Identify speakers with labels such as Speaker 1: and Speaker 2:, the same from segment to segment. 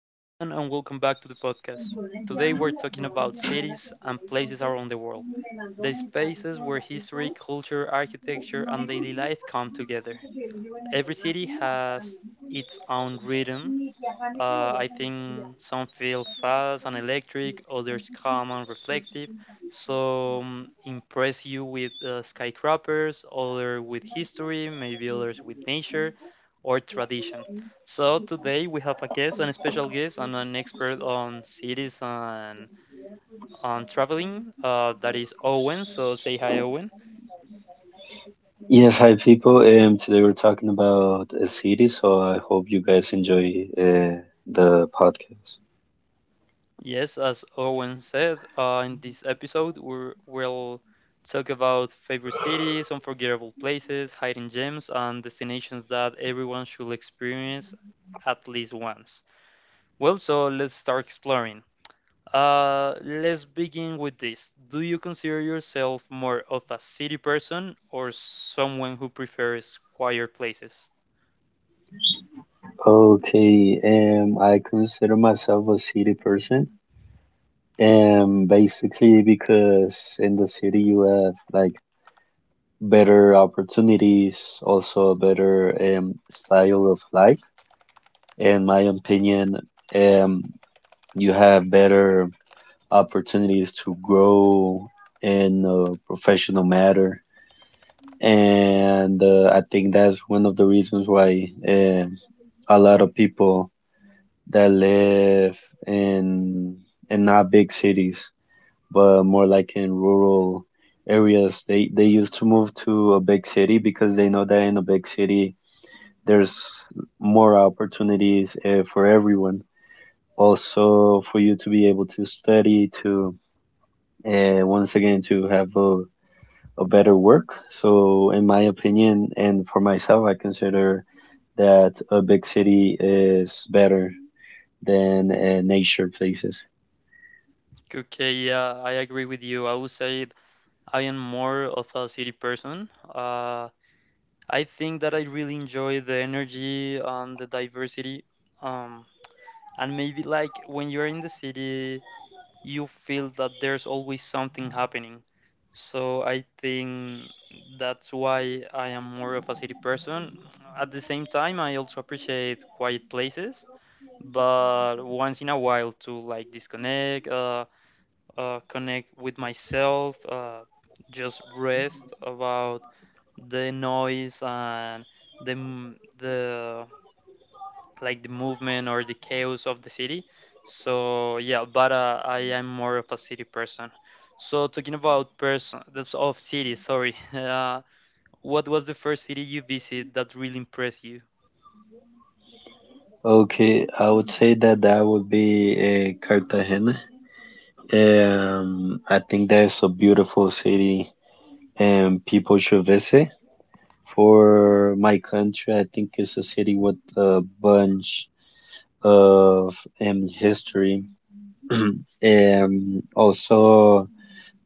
Speaker 1: everyone, and welcome back to the podcast. Today, we're talking about cities and places around the world, the spaces where history, culture, architecture, and daily life come together. Every city has its own rhythm. I think some feel fast and electric, others calm and reflective. Some impress you with skyscrapers, others with history, maybe others with nature or tradition. So today we have a guest, a special guest, and an expert on cities and on traveling. That is Owen. So say hi, Owen.
Speaker 2: Yes, hi people. Today we're talking about a city, so I hope you guys enjoy the podcast.
Speaker 1: Yes, as Owen said, in this episode, we'll talk about favorite cities, unforgettable places, hidden gems, and destinations that everyone should experience at least once. Well, so let's start exploring. Let's begin with this. Do you consider yourself more of a city person or someone who prefers quieter places?
Speaker 2: Okay, I consider myself a city person, basically because in the city you have like better opportunities, also a better style of life. In my opinion, um, you have better opportunities to grow in a professional matter, and I think that's one of the reasons why a lot of people that live in in not big cities, but more like in rural areas, they used to move to a big city because they know that in a big city there's more opportunities for everyone. Also, for you to be able to study, to once again to have a better work. So, in my opinion, and for myself, I consider that a big city is better than nature places.
Speaker 1: Okay, yeah, I agree with you. I would say I am more of a city person. I think that I really enjoy the energy and the diversity. Um, and maybe like when you're in the city, you feel that there's always something happening. So I think that's why I am more of a city person. At the same time, I also appreciate quiet places, but once in a while to like disconnect, connect with myself, just rest about the noise and the m- the like the movement or the chaos of the city. So yeah, but I am more of a city person. So talking about person, that's of city. Sorry. What was the first city you visited that really impressed you?
Speaker 2: Okay, I would say that that would be Cartagena. I think that's a beautiful city and people should visit. For my country, I think it's a city with a bunch of history. Also,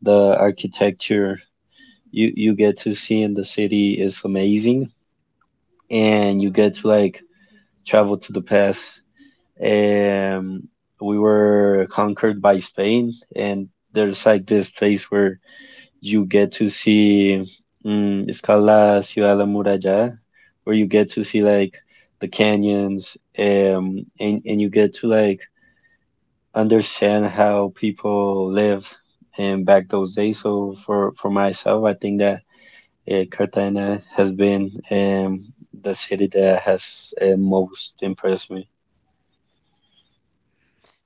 Speaker 2: the architecture you get to see in the city is amazing, and you get to like travel to the past. um we were conquered by Spain, and there's like this place where you get to see, it's called la ciudad de la muralla, where you get to see like the canyons, and you get to like understand how people lived and back those days. So for myself, I think that Cartagena has been the city that has most impressed me.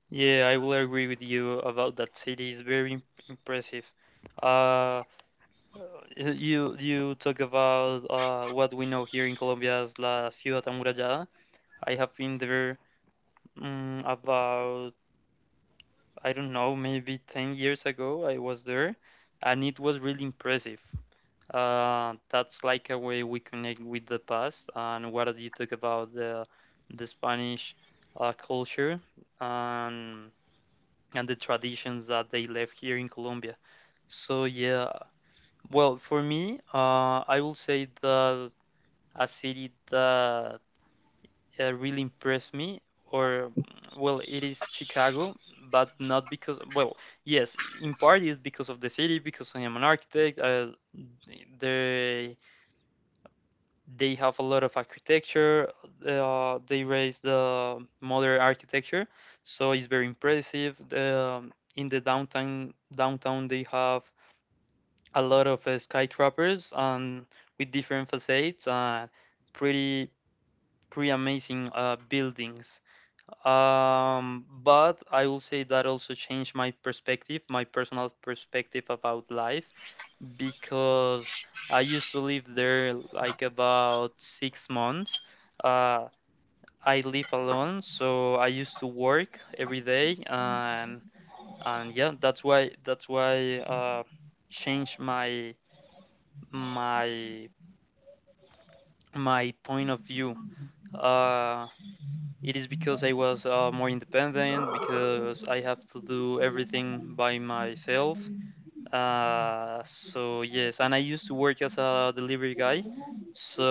Speaker 1: Yeah, I will agree with you about that city. It's impressive. Uh, uh, you talk about what we know here in Colombia as la ciudad amurallada. I have been there. About, I don't know, maybe 10 years ago, I was there and it was really impressive. That's like a way we connect with the past and what you talk about the Spanish culture and, and the traditions that they left here in Colombia. So, yeah, well, for me, I will say that a city that really impressed me or well, it is Chicago. But not because, well, yes, in part is because of the city because I am an architect. They they have a lot of architecture. They raise the modern architecture. So it's very impressive in the downtown they have a lot of skyscrapers and with different facades and pretty pretty amazing buildings. But I will say that also changed my perspective, my personal perspective about life, because I used to live there like about 6 months. Uh, I live alone, so I used to work every day, and that's why changed my my point of view. Uh, It is because I was more independent, because I have to do everything by myself. So yes, and I used to work as a delivery guy. So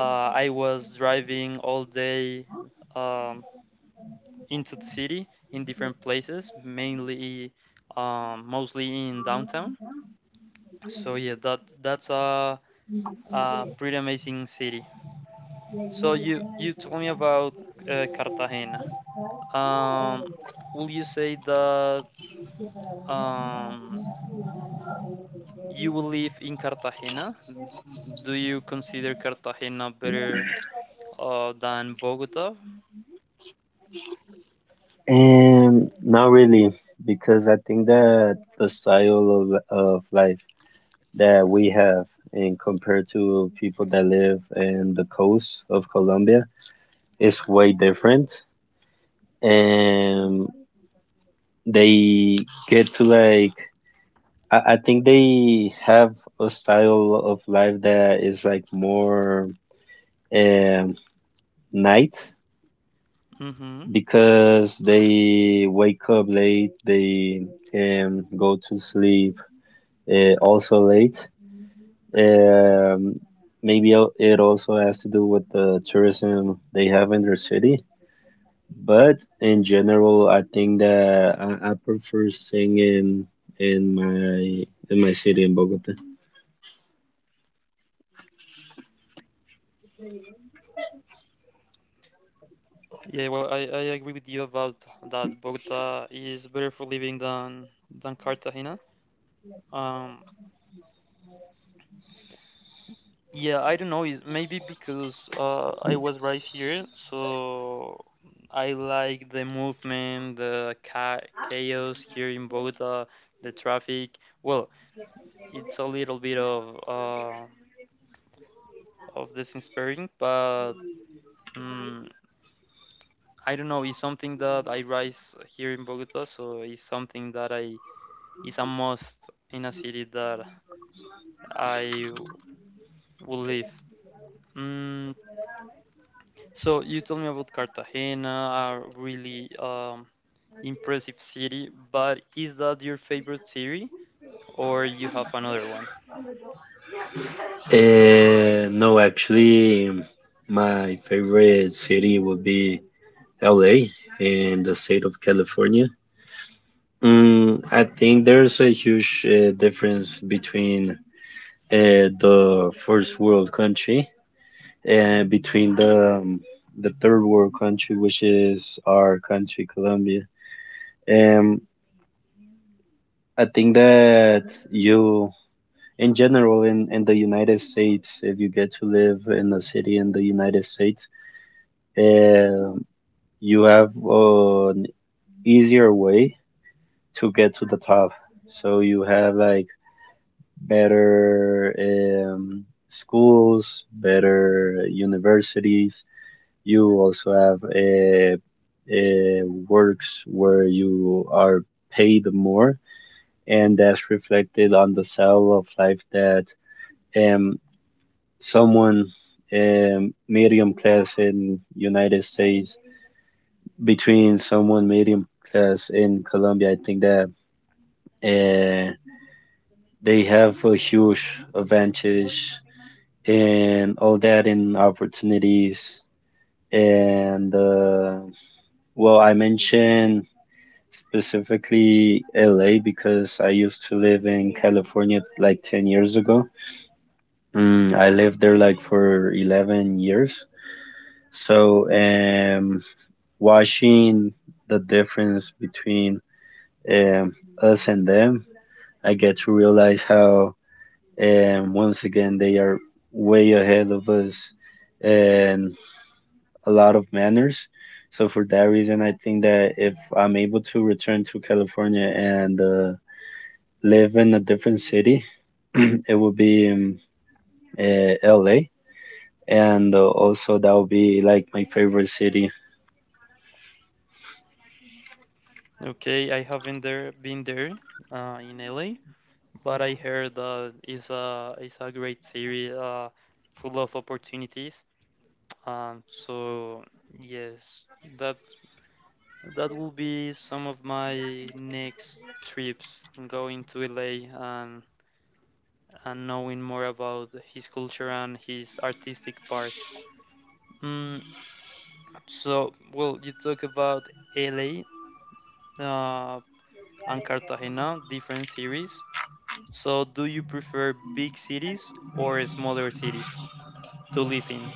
Speaker 1: I was driving all day um, into the city in different places, mainly mostly in downtown. So yeah, that's a pretty amazing city. So you told me about Cartagena. Um, will you say that um, you will live in Cartagena? Do you consider Cartagena better than Bogota?
Speaker 2: Not really, because I think that the style of life that we have, and compared to people that live in the coast of Colombia, is way different. And they get to like, I think they have a style of life that is like more um, night,
Speaker 1: Mm-hmm.
Speaker 2: because they wake up late, they go to sleep also late. Um, Maybe it also has to do with the tourism they have in their city. But in general, I think that I prefer staying in in my my city in Bogota.
Speaker 1: Yeah, well, I agree with you about that Bogota is better for living than Cartagena. Um, Yeah, I don't know. Is maybe because I was raised here, so I like the movement, chaos here in Bogota, the traffic. Well, it's a little bit of disinspiring, but mm I don't know. It's something that I rise here in Bogota, so it's something that I is a must in a city that I will live. Mm, So you told me about Cartagena, a really impressive city, but is that your favorite city or you have another one?
Speaker 2: No, actually, my favorite city would be LA in the state of California. Mm, I think there's a huge difference between the first world country, and between the third world country, which is our country, Colombia. Um, I think that you, in general, in the United States, if you get to live in a city in the United States, um, you have an easier way to get to the top. So you have like better schools, better universities. You also have uh, works where you are paid more, and that's reflected on the style of life that um, someone medium class in United States, between someone medium class in Colombia. I think that uh, they have a huge advantage and all that and opportunities. And well, I mentioned specifically LA because I used to live in California like 10 years ago. Mm, I lived there like for 11 years. So, watching the difference between um, us and them, I get to realize how, once again, they are way ahead of us and a lot of manners. So for that reason, I think that if I'm able to return to California and live in a different city, it would be LA, and also that would be like my favorite city.
Speaker 1: Okay, I haven't there been there in LA, but I heard that it's a great city, full of opportunities. So yes, that that will be some of my next trips going to LA. And knowing more about his culture and his artistic part. Mm, so, well, you talk about LA uh, and Cartagena, different cities. So, do you prefer big cities or smaller cities to live in?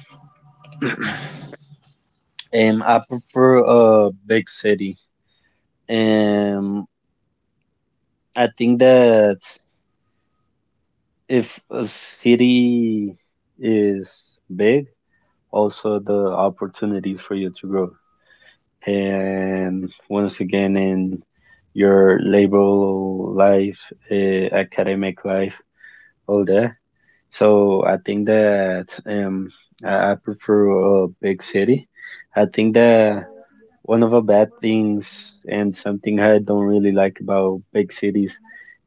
Speaker 2: I prefer a big city. Um, I think that if a city is big, also the opportunities for you to grow, and once again in your labor life, academic life, all that. So I think that I prefer a big city. I think that one of the bad things and something I don't really like about big cities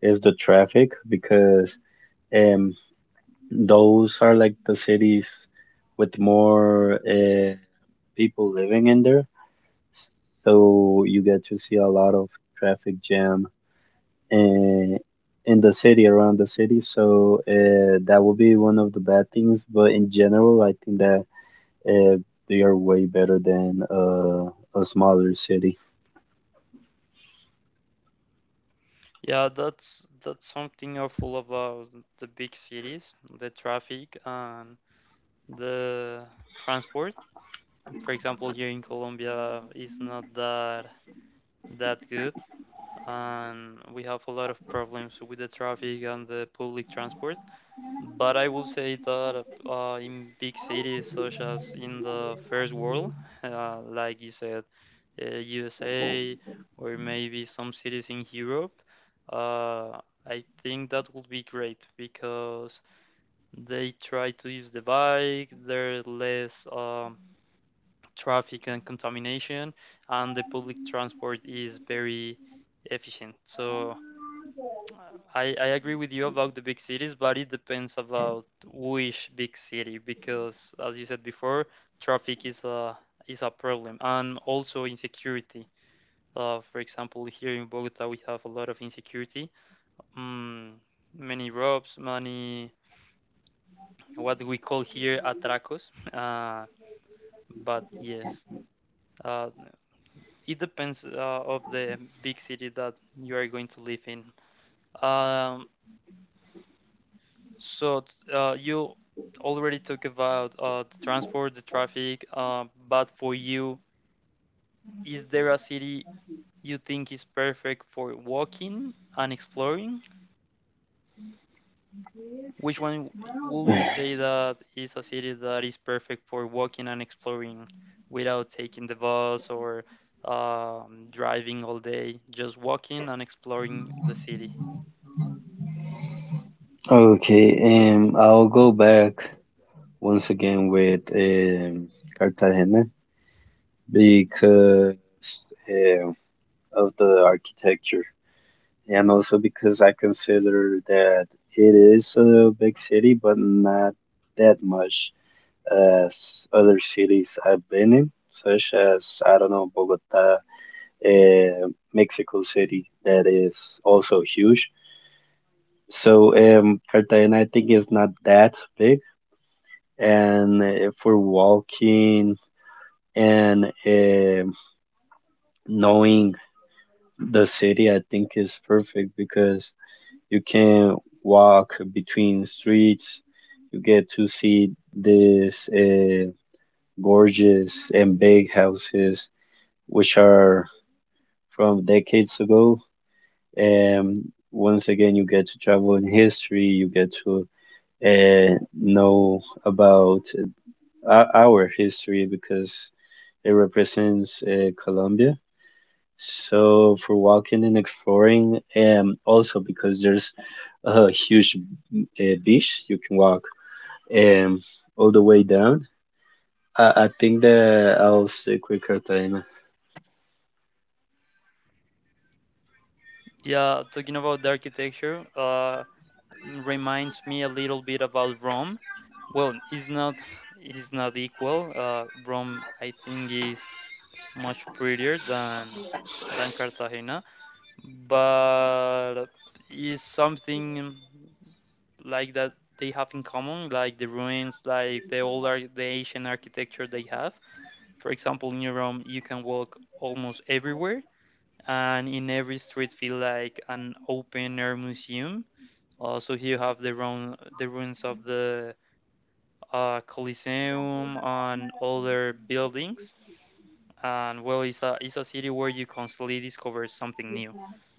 Speaker 2: is the traffic, because um those are like the cities with more people living in there, so you get to see a lot of traffic jam in in the city, around the city. So that would be one of the bad things, but in general, I think that uh, they are way better than a smaller city.
Speaker 1: Yeah, that's something awful about the big cities, the traffic and the transport. For example, here in Colombia is not that good. And we have a lot of problems with the traffic and the public transport. But I will say that in big cities such as in the first world, like you said, USA or maybe some cities in Europe, uh, I think that would be great because they try to use the bike, there's less traffic and contamination, and the public transport is very efficient. So I agree with you about the big cities, but it depends about which big city because, as you said before, traffic is a problem and also insecurity. For example, here in Bogota, we have a lot of insecurity. Mm, Many robs, many what we call here atracos. But yes, uh, it depends of the big city that you are going to live in. Um, So you already talked about the transport, the traffic, but for you, is there a city you think is perfect for walking and exploring? Which one will you say that is a city that is perfect for walking and exploring without taking the bus or driving all day, just walking and exploring the city?
Speaker 2: Okay, I'll go back once again with Cartagena, because um of the architecture, and also because I consider that it is a big city, but not that much as other cities I've been in, such as, I don't know, Bogota, uh, Mexico City, that is also huge. So, Cartagena, I think, is not that big. And if we walking and knowing the city, I think is perfect because you can walk between streets. You get to see these gorgeous and big houses, which are from decades ago. And once again, you get to travel in history. You get to know about our history because it represents Colombia. So for walking and exploring, and also because there's a huge beach. You can walk um, all the way down. I think that I'll stick with Cartagena.
Speaker 1: Yeah, talking about the architecture, reminds me a little bit about Rome. Well, it's not it's not equal. Rome, I think, is much prettier than Cartagena, but is something like that they have in common, like the ruins, like the ancient architecture they have. For example, in Rome, you can walk almost everywhere, and in every street feel like an open air museum. Also, here you have the ruins of the Colosseum and other buildings. And well, it's it's a city where you constantly discover something new.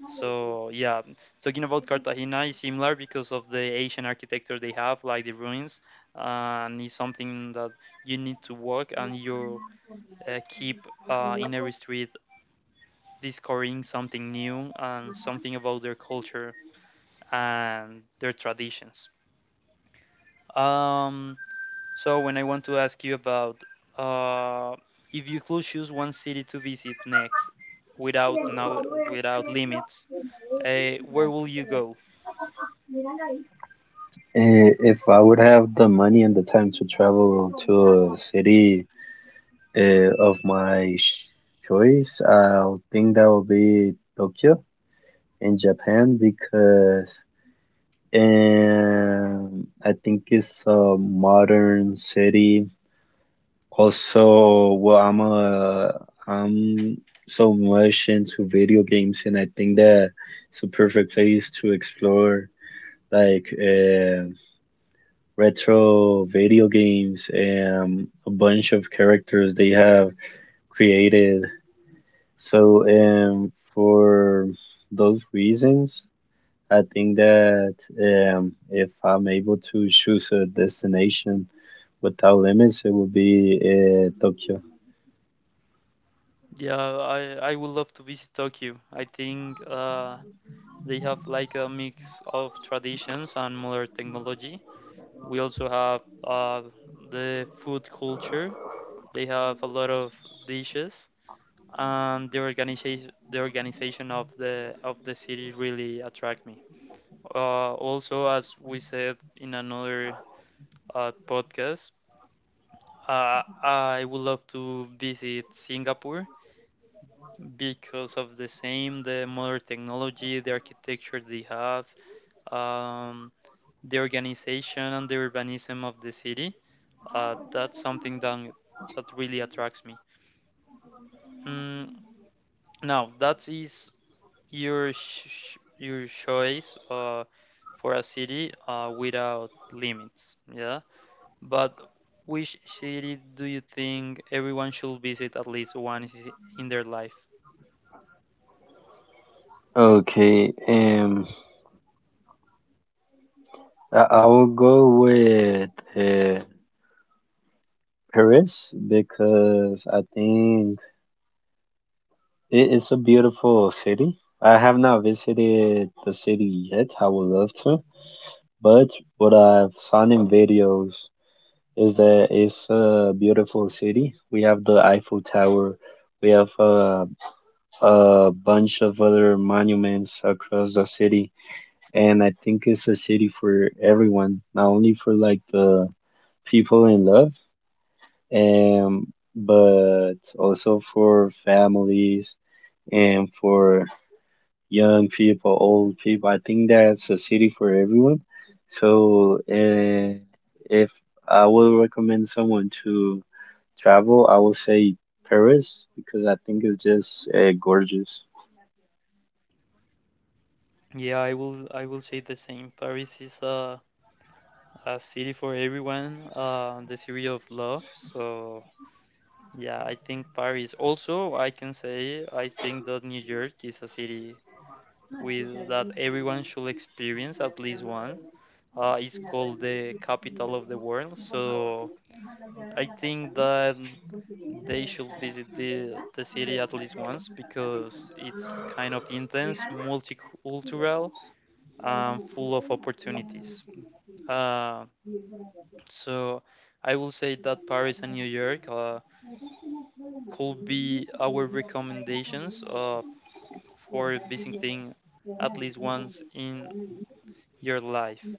Speaker 1: So yeah, talking about Cartagena is similar because of the Asian architecture they have, like the ruins, and it's something that you need to walk and you keep in every street discovering something new and something about their culture and their traditions. Um, So when I want to ask you about uh, if you could choose one city to visit next without limits, where will you go?
Speaker 2: If I would have the money and the time to travel to a city of my choice, I think that would be Tokyo in Japan, because I think it's a modern city. Also, well, I'm so much into video games, and I think that it's a perfect place to explore like retro video games and a bunch of characters they have created. So, for those reasons, I think that if I'm able to choose a destination without limits, it would be Tokyo.
Speaker 1: Yeah, I would love to visit Tokyo. I think they have like a mix of traditions and modern technology. We also have the food culture. They have a lot of dishes, and the organization of the city really attract me. Also, as we said in another podcast, I would love to visit Singapore because of the same, the modern technology, the architecture they have, um, the organization and the urbanism of the city. That's something that really attracts me. Mm, Now, that is your choice for a city without limits. Yeah. But which city do you think everyone should visit at least once in their life?
Speaker 2: Okay, um, I will go with uh, Paris, because I think it's a beautiful city. I have not visited the city yet. I would love to, but what I've seen in videos is that it's a beautiful city. We have the Eiffel Tower. We have a bunch of other monuments across the city, and I think it's a city for everyone, not only for like the people in love, but also for families and for young people, old people. I think that's a city for everyone. So, if I will recommend someone to travel, I will say Paris because I think it's just gorgeous.
Speaker 1: Yeah, I will say the same. Paris is a city for everyone, the city of love. So yeah, I think Paris. Also, I can say I think that New York is a city with that everyone should experience at least one. It's called the capital of the world. So I think that they should visit the city at least once because it's kind of intense, multicultural, and full of opportunities. Uh, so I will say that Paris and New York could be our recommendations for visiting at least once in your life.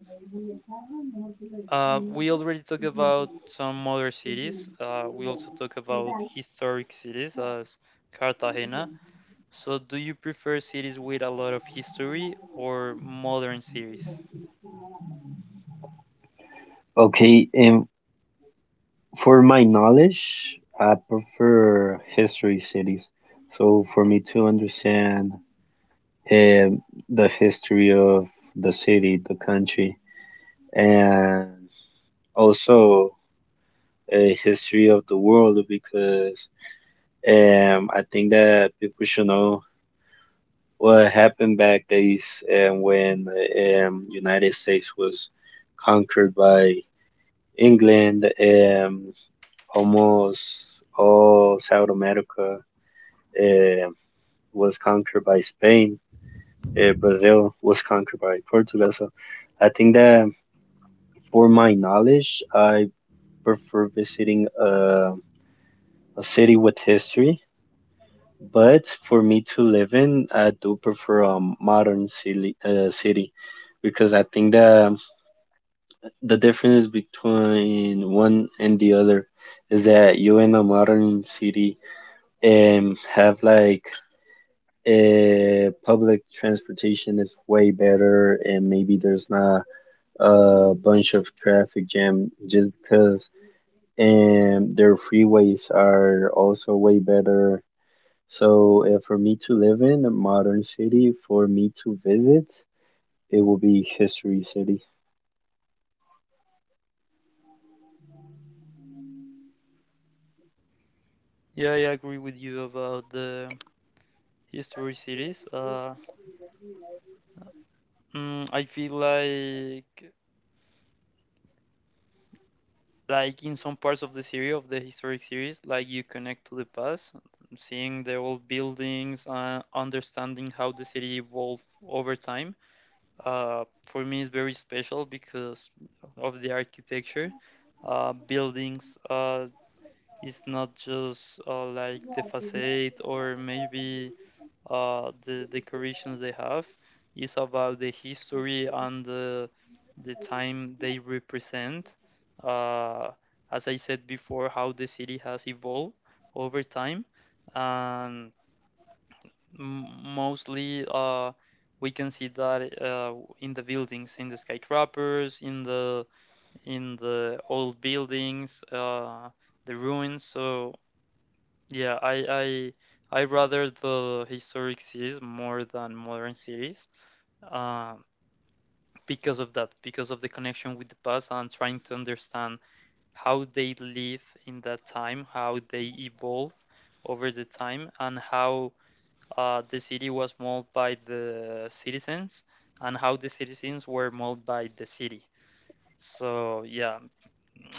Speaker 1: We already talked about some other cities. We also talk about historic cities as Cartagena. So, do you prefer series with a lot of history or modern series?
Speaker 2: Okay, and for my knowledge, I prefer history cities. So for me to understand um, the history of the city, the country, and also a history of the world, because I think that people should know what happened back days, when the United States was conquered by England, almost all South America um was conquered by Spain. Brazil was conquered by Portugal. So I think that for my knowledge, I prefer visiting a city with history, but for me to live in, I do prefer a modern city, city, because I think that the difference between one and the other is that you in a modern city have like public transportation is way better, and maybe there's not a bunch of traffic jam just because, and their freeways are also way better. So, for me to live in a modern city, for me to visit, it will be History City.
Speaker 1: Yeah, I agree with you about the history series. I feel like in some parts of the series of the historic series, like you connect to the past, seeing the old buildings, understanding how the city evolved over time. For me, it's very special because of the architecture, buildings. It's not just like the facade or maybe the decorations they have. It's about the history and the time they represent. Uh, as I said before, how the city has evolved over time, and m- mostly we can see that in the buildings, in the skyscrapers, in the old buildings, the ruins. So yeah, I rather the historic cities more than modern cities, um, because of that, because of the connection with the past and trying to understand how they live in that time, how they evolve over the time, and how the city was molded by the citizens, and how the citizens were molded by the city. So yeah,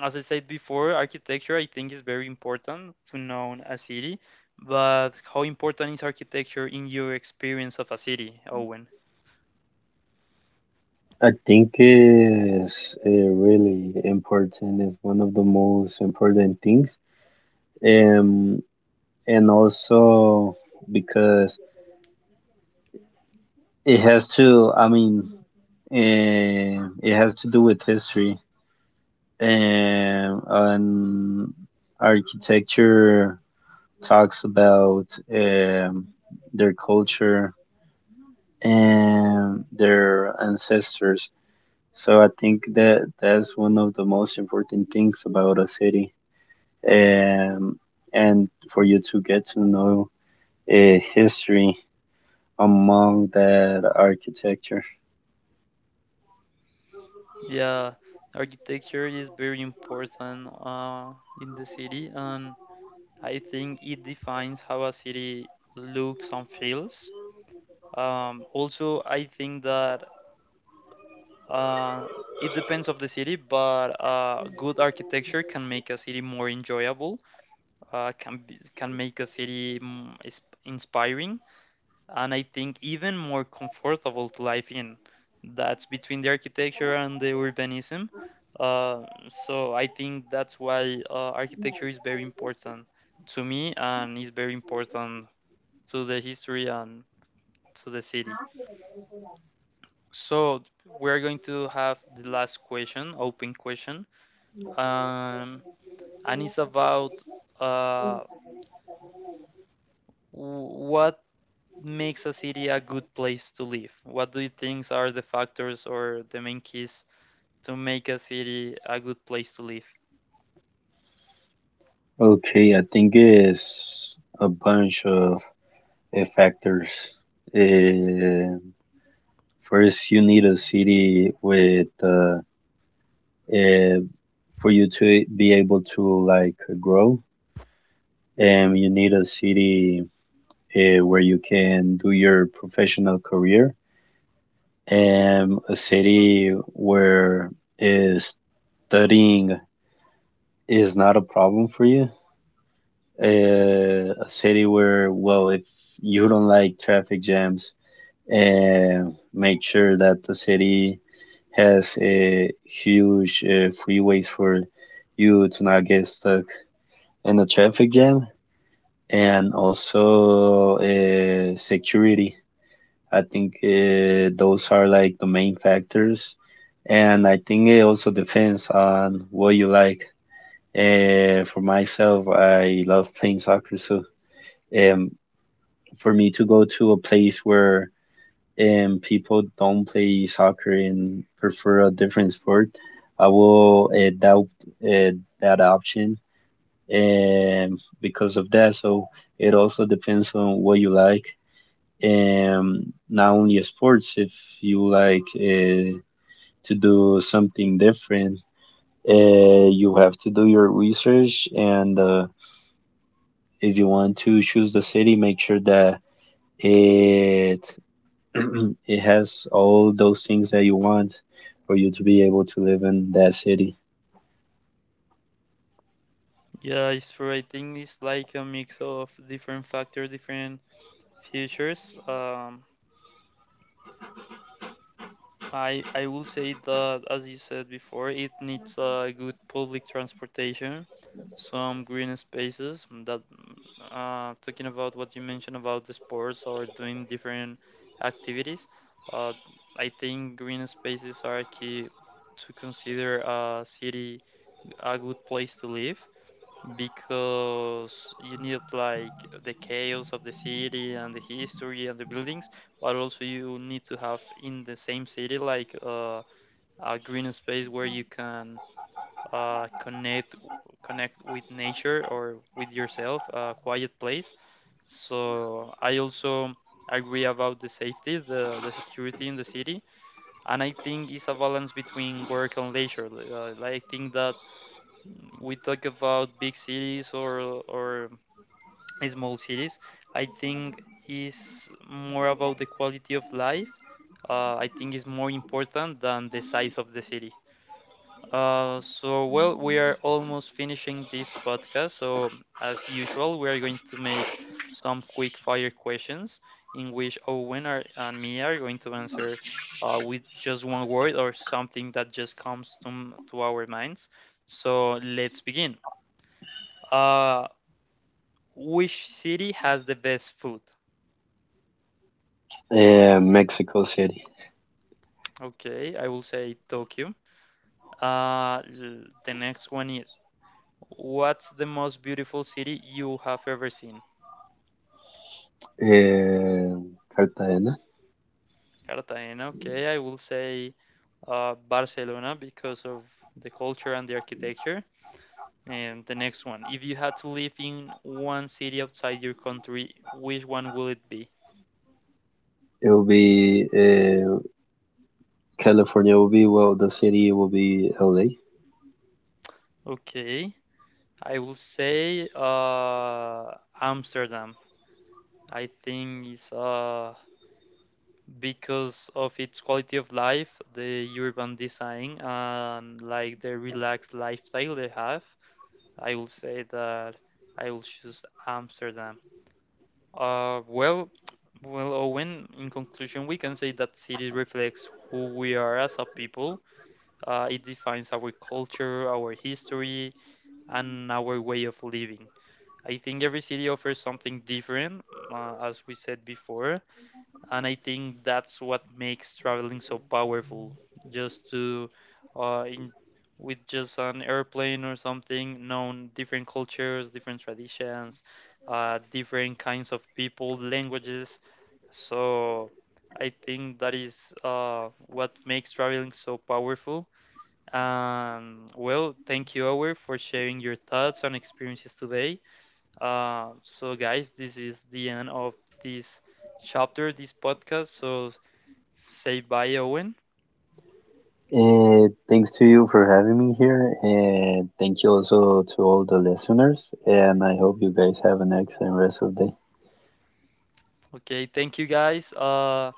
Speaker 1: as I said before, architecture I think is very important to know a city, but how important is architecture in your experience of a city, Owen?
Speaker 2: I think is really important. It's one of the most important things, um, and also because it has to. I mean, eh, it has to do with history, and architecture talks about um, their culture and their ancestors. So I think that that's one of the most important things about a city, um, and for you to get to know history among that architecture.
Speaker 1: Yeah, architecture is very important in the city, and I think it defines how a city looks and feels. Also, I think that uh, it depends of the city, but good architecture can make a city more enjoyable, can be, can make a city inspiring, and I think even more comfortable to live in. That's between the architecture and the urbanism. Uh, so I think that's why architecture is very important to me and is very important to the history and to the city. So we're going to have the last question, open question, um, and it's about uh, what makes a city a good place to live? What do you think are the factors or the main keys to make a city a good place to live?
Speaker 2: Okay, I think it's a bunch of factors. Uh, First, you need a city with uh, for you to be able to like grow, and you need a city where you can do your professional career, and a city where is studying is not a problem for you, a city where, well, if you don't like traffic jams, and make sure that the city has a huge freeways for you to not get stuck and the traffic jam, and also security. I think those are like the main factors, and I think it also depends on what you like. For myself, I love playing soccer, so um, for me to go to a place where people don't play soccer and prefer a different sport, I will doubt uh, that option, because of that. So it also depends on what you like. Not only sports, if you like to do something different, uh, you have to do your research. And if you want to choose the city, make sure that it it has all those things that you want for you to be able to live in that city.
Speaker 1: Yeah, it's true. I think it's like a mix of different factors, different features. I will say that as you said before, it needs a good public transportation, some green spaces. Talking about what you mentioned about the sports or doing different activities, uh, I think green spaces are key to consider a city a good place to live because you need like the chaos of the city and the history and the buildings, but also you need to have in the same city like a green space where you can uh, connect connect with nature or with yourself, a quiet place. So I also agree about the safety, the security in the city, and I think it's a balance between work and leisure. I think that we talk about big cities or small cities. I think is more about the quality of life. I think is more important than the size of the city. So well, we are almost finishing this podcast. So as usual, we are going to make some quick fire questions in which Owen are, and me are going to answer with just one word or something that just comes to to our minds. So let's begin. Uh, which city has the best food?
Speaker 2: Mexico City.
Speaker 1: Okay, I will say Tokyo. The next one is, what's the most beautiful city you have ever seen?
Speaker 2: Cartagena.
Speaker 1: Cartagena. Okay, I will say Barcelona because of the culture and the architecture. And the next one, if you had to live in one city outside your country, which one will it be?
Speaker 2: It will be. California will be, well, the city will be LA.
Speaker 1: Okay, I will say Amsterdam. I think it's because of its quality of life, the urban design, and like the relaxed lifestyle they have, I will say that I will choose Amsterdam. Uh, well, well, Owen, in conclusion, we can say that city reflects who we are as a people. It defines our culture, our history, and our way of living. I think every city offers something different, as we said before, and I think that's what makes traveling so powerful. Just to, uh, in, with just an airplane or something, known different cultures, different traditions, different kinds of people, languages. So I think that is what makes traveling so powerful. And well, thank you, Ower, for sharing your thoughts and experiences today. So, guys, this is the end of this chapter, this podcast. So, say bye, Owen.
Speaker 2: And thanks to you for having me here. And thank you also to all the listeners. And I hope you guys have an excellent rest of the day.
Speaker 1: Okay, thank you, guys. Uh,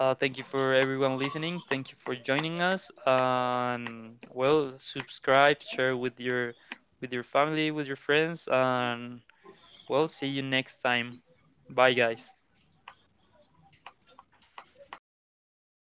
Speaker 1: uh, Thank you for everyone listening. Thank you for joining us. And well, subscribe, share with your family, with your friends, and well, see you next time. Bye, guys.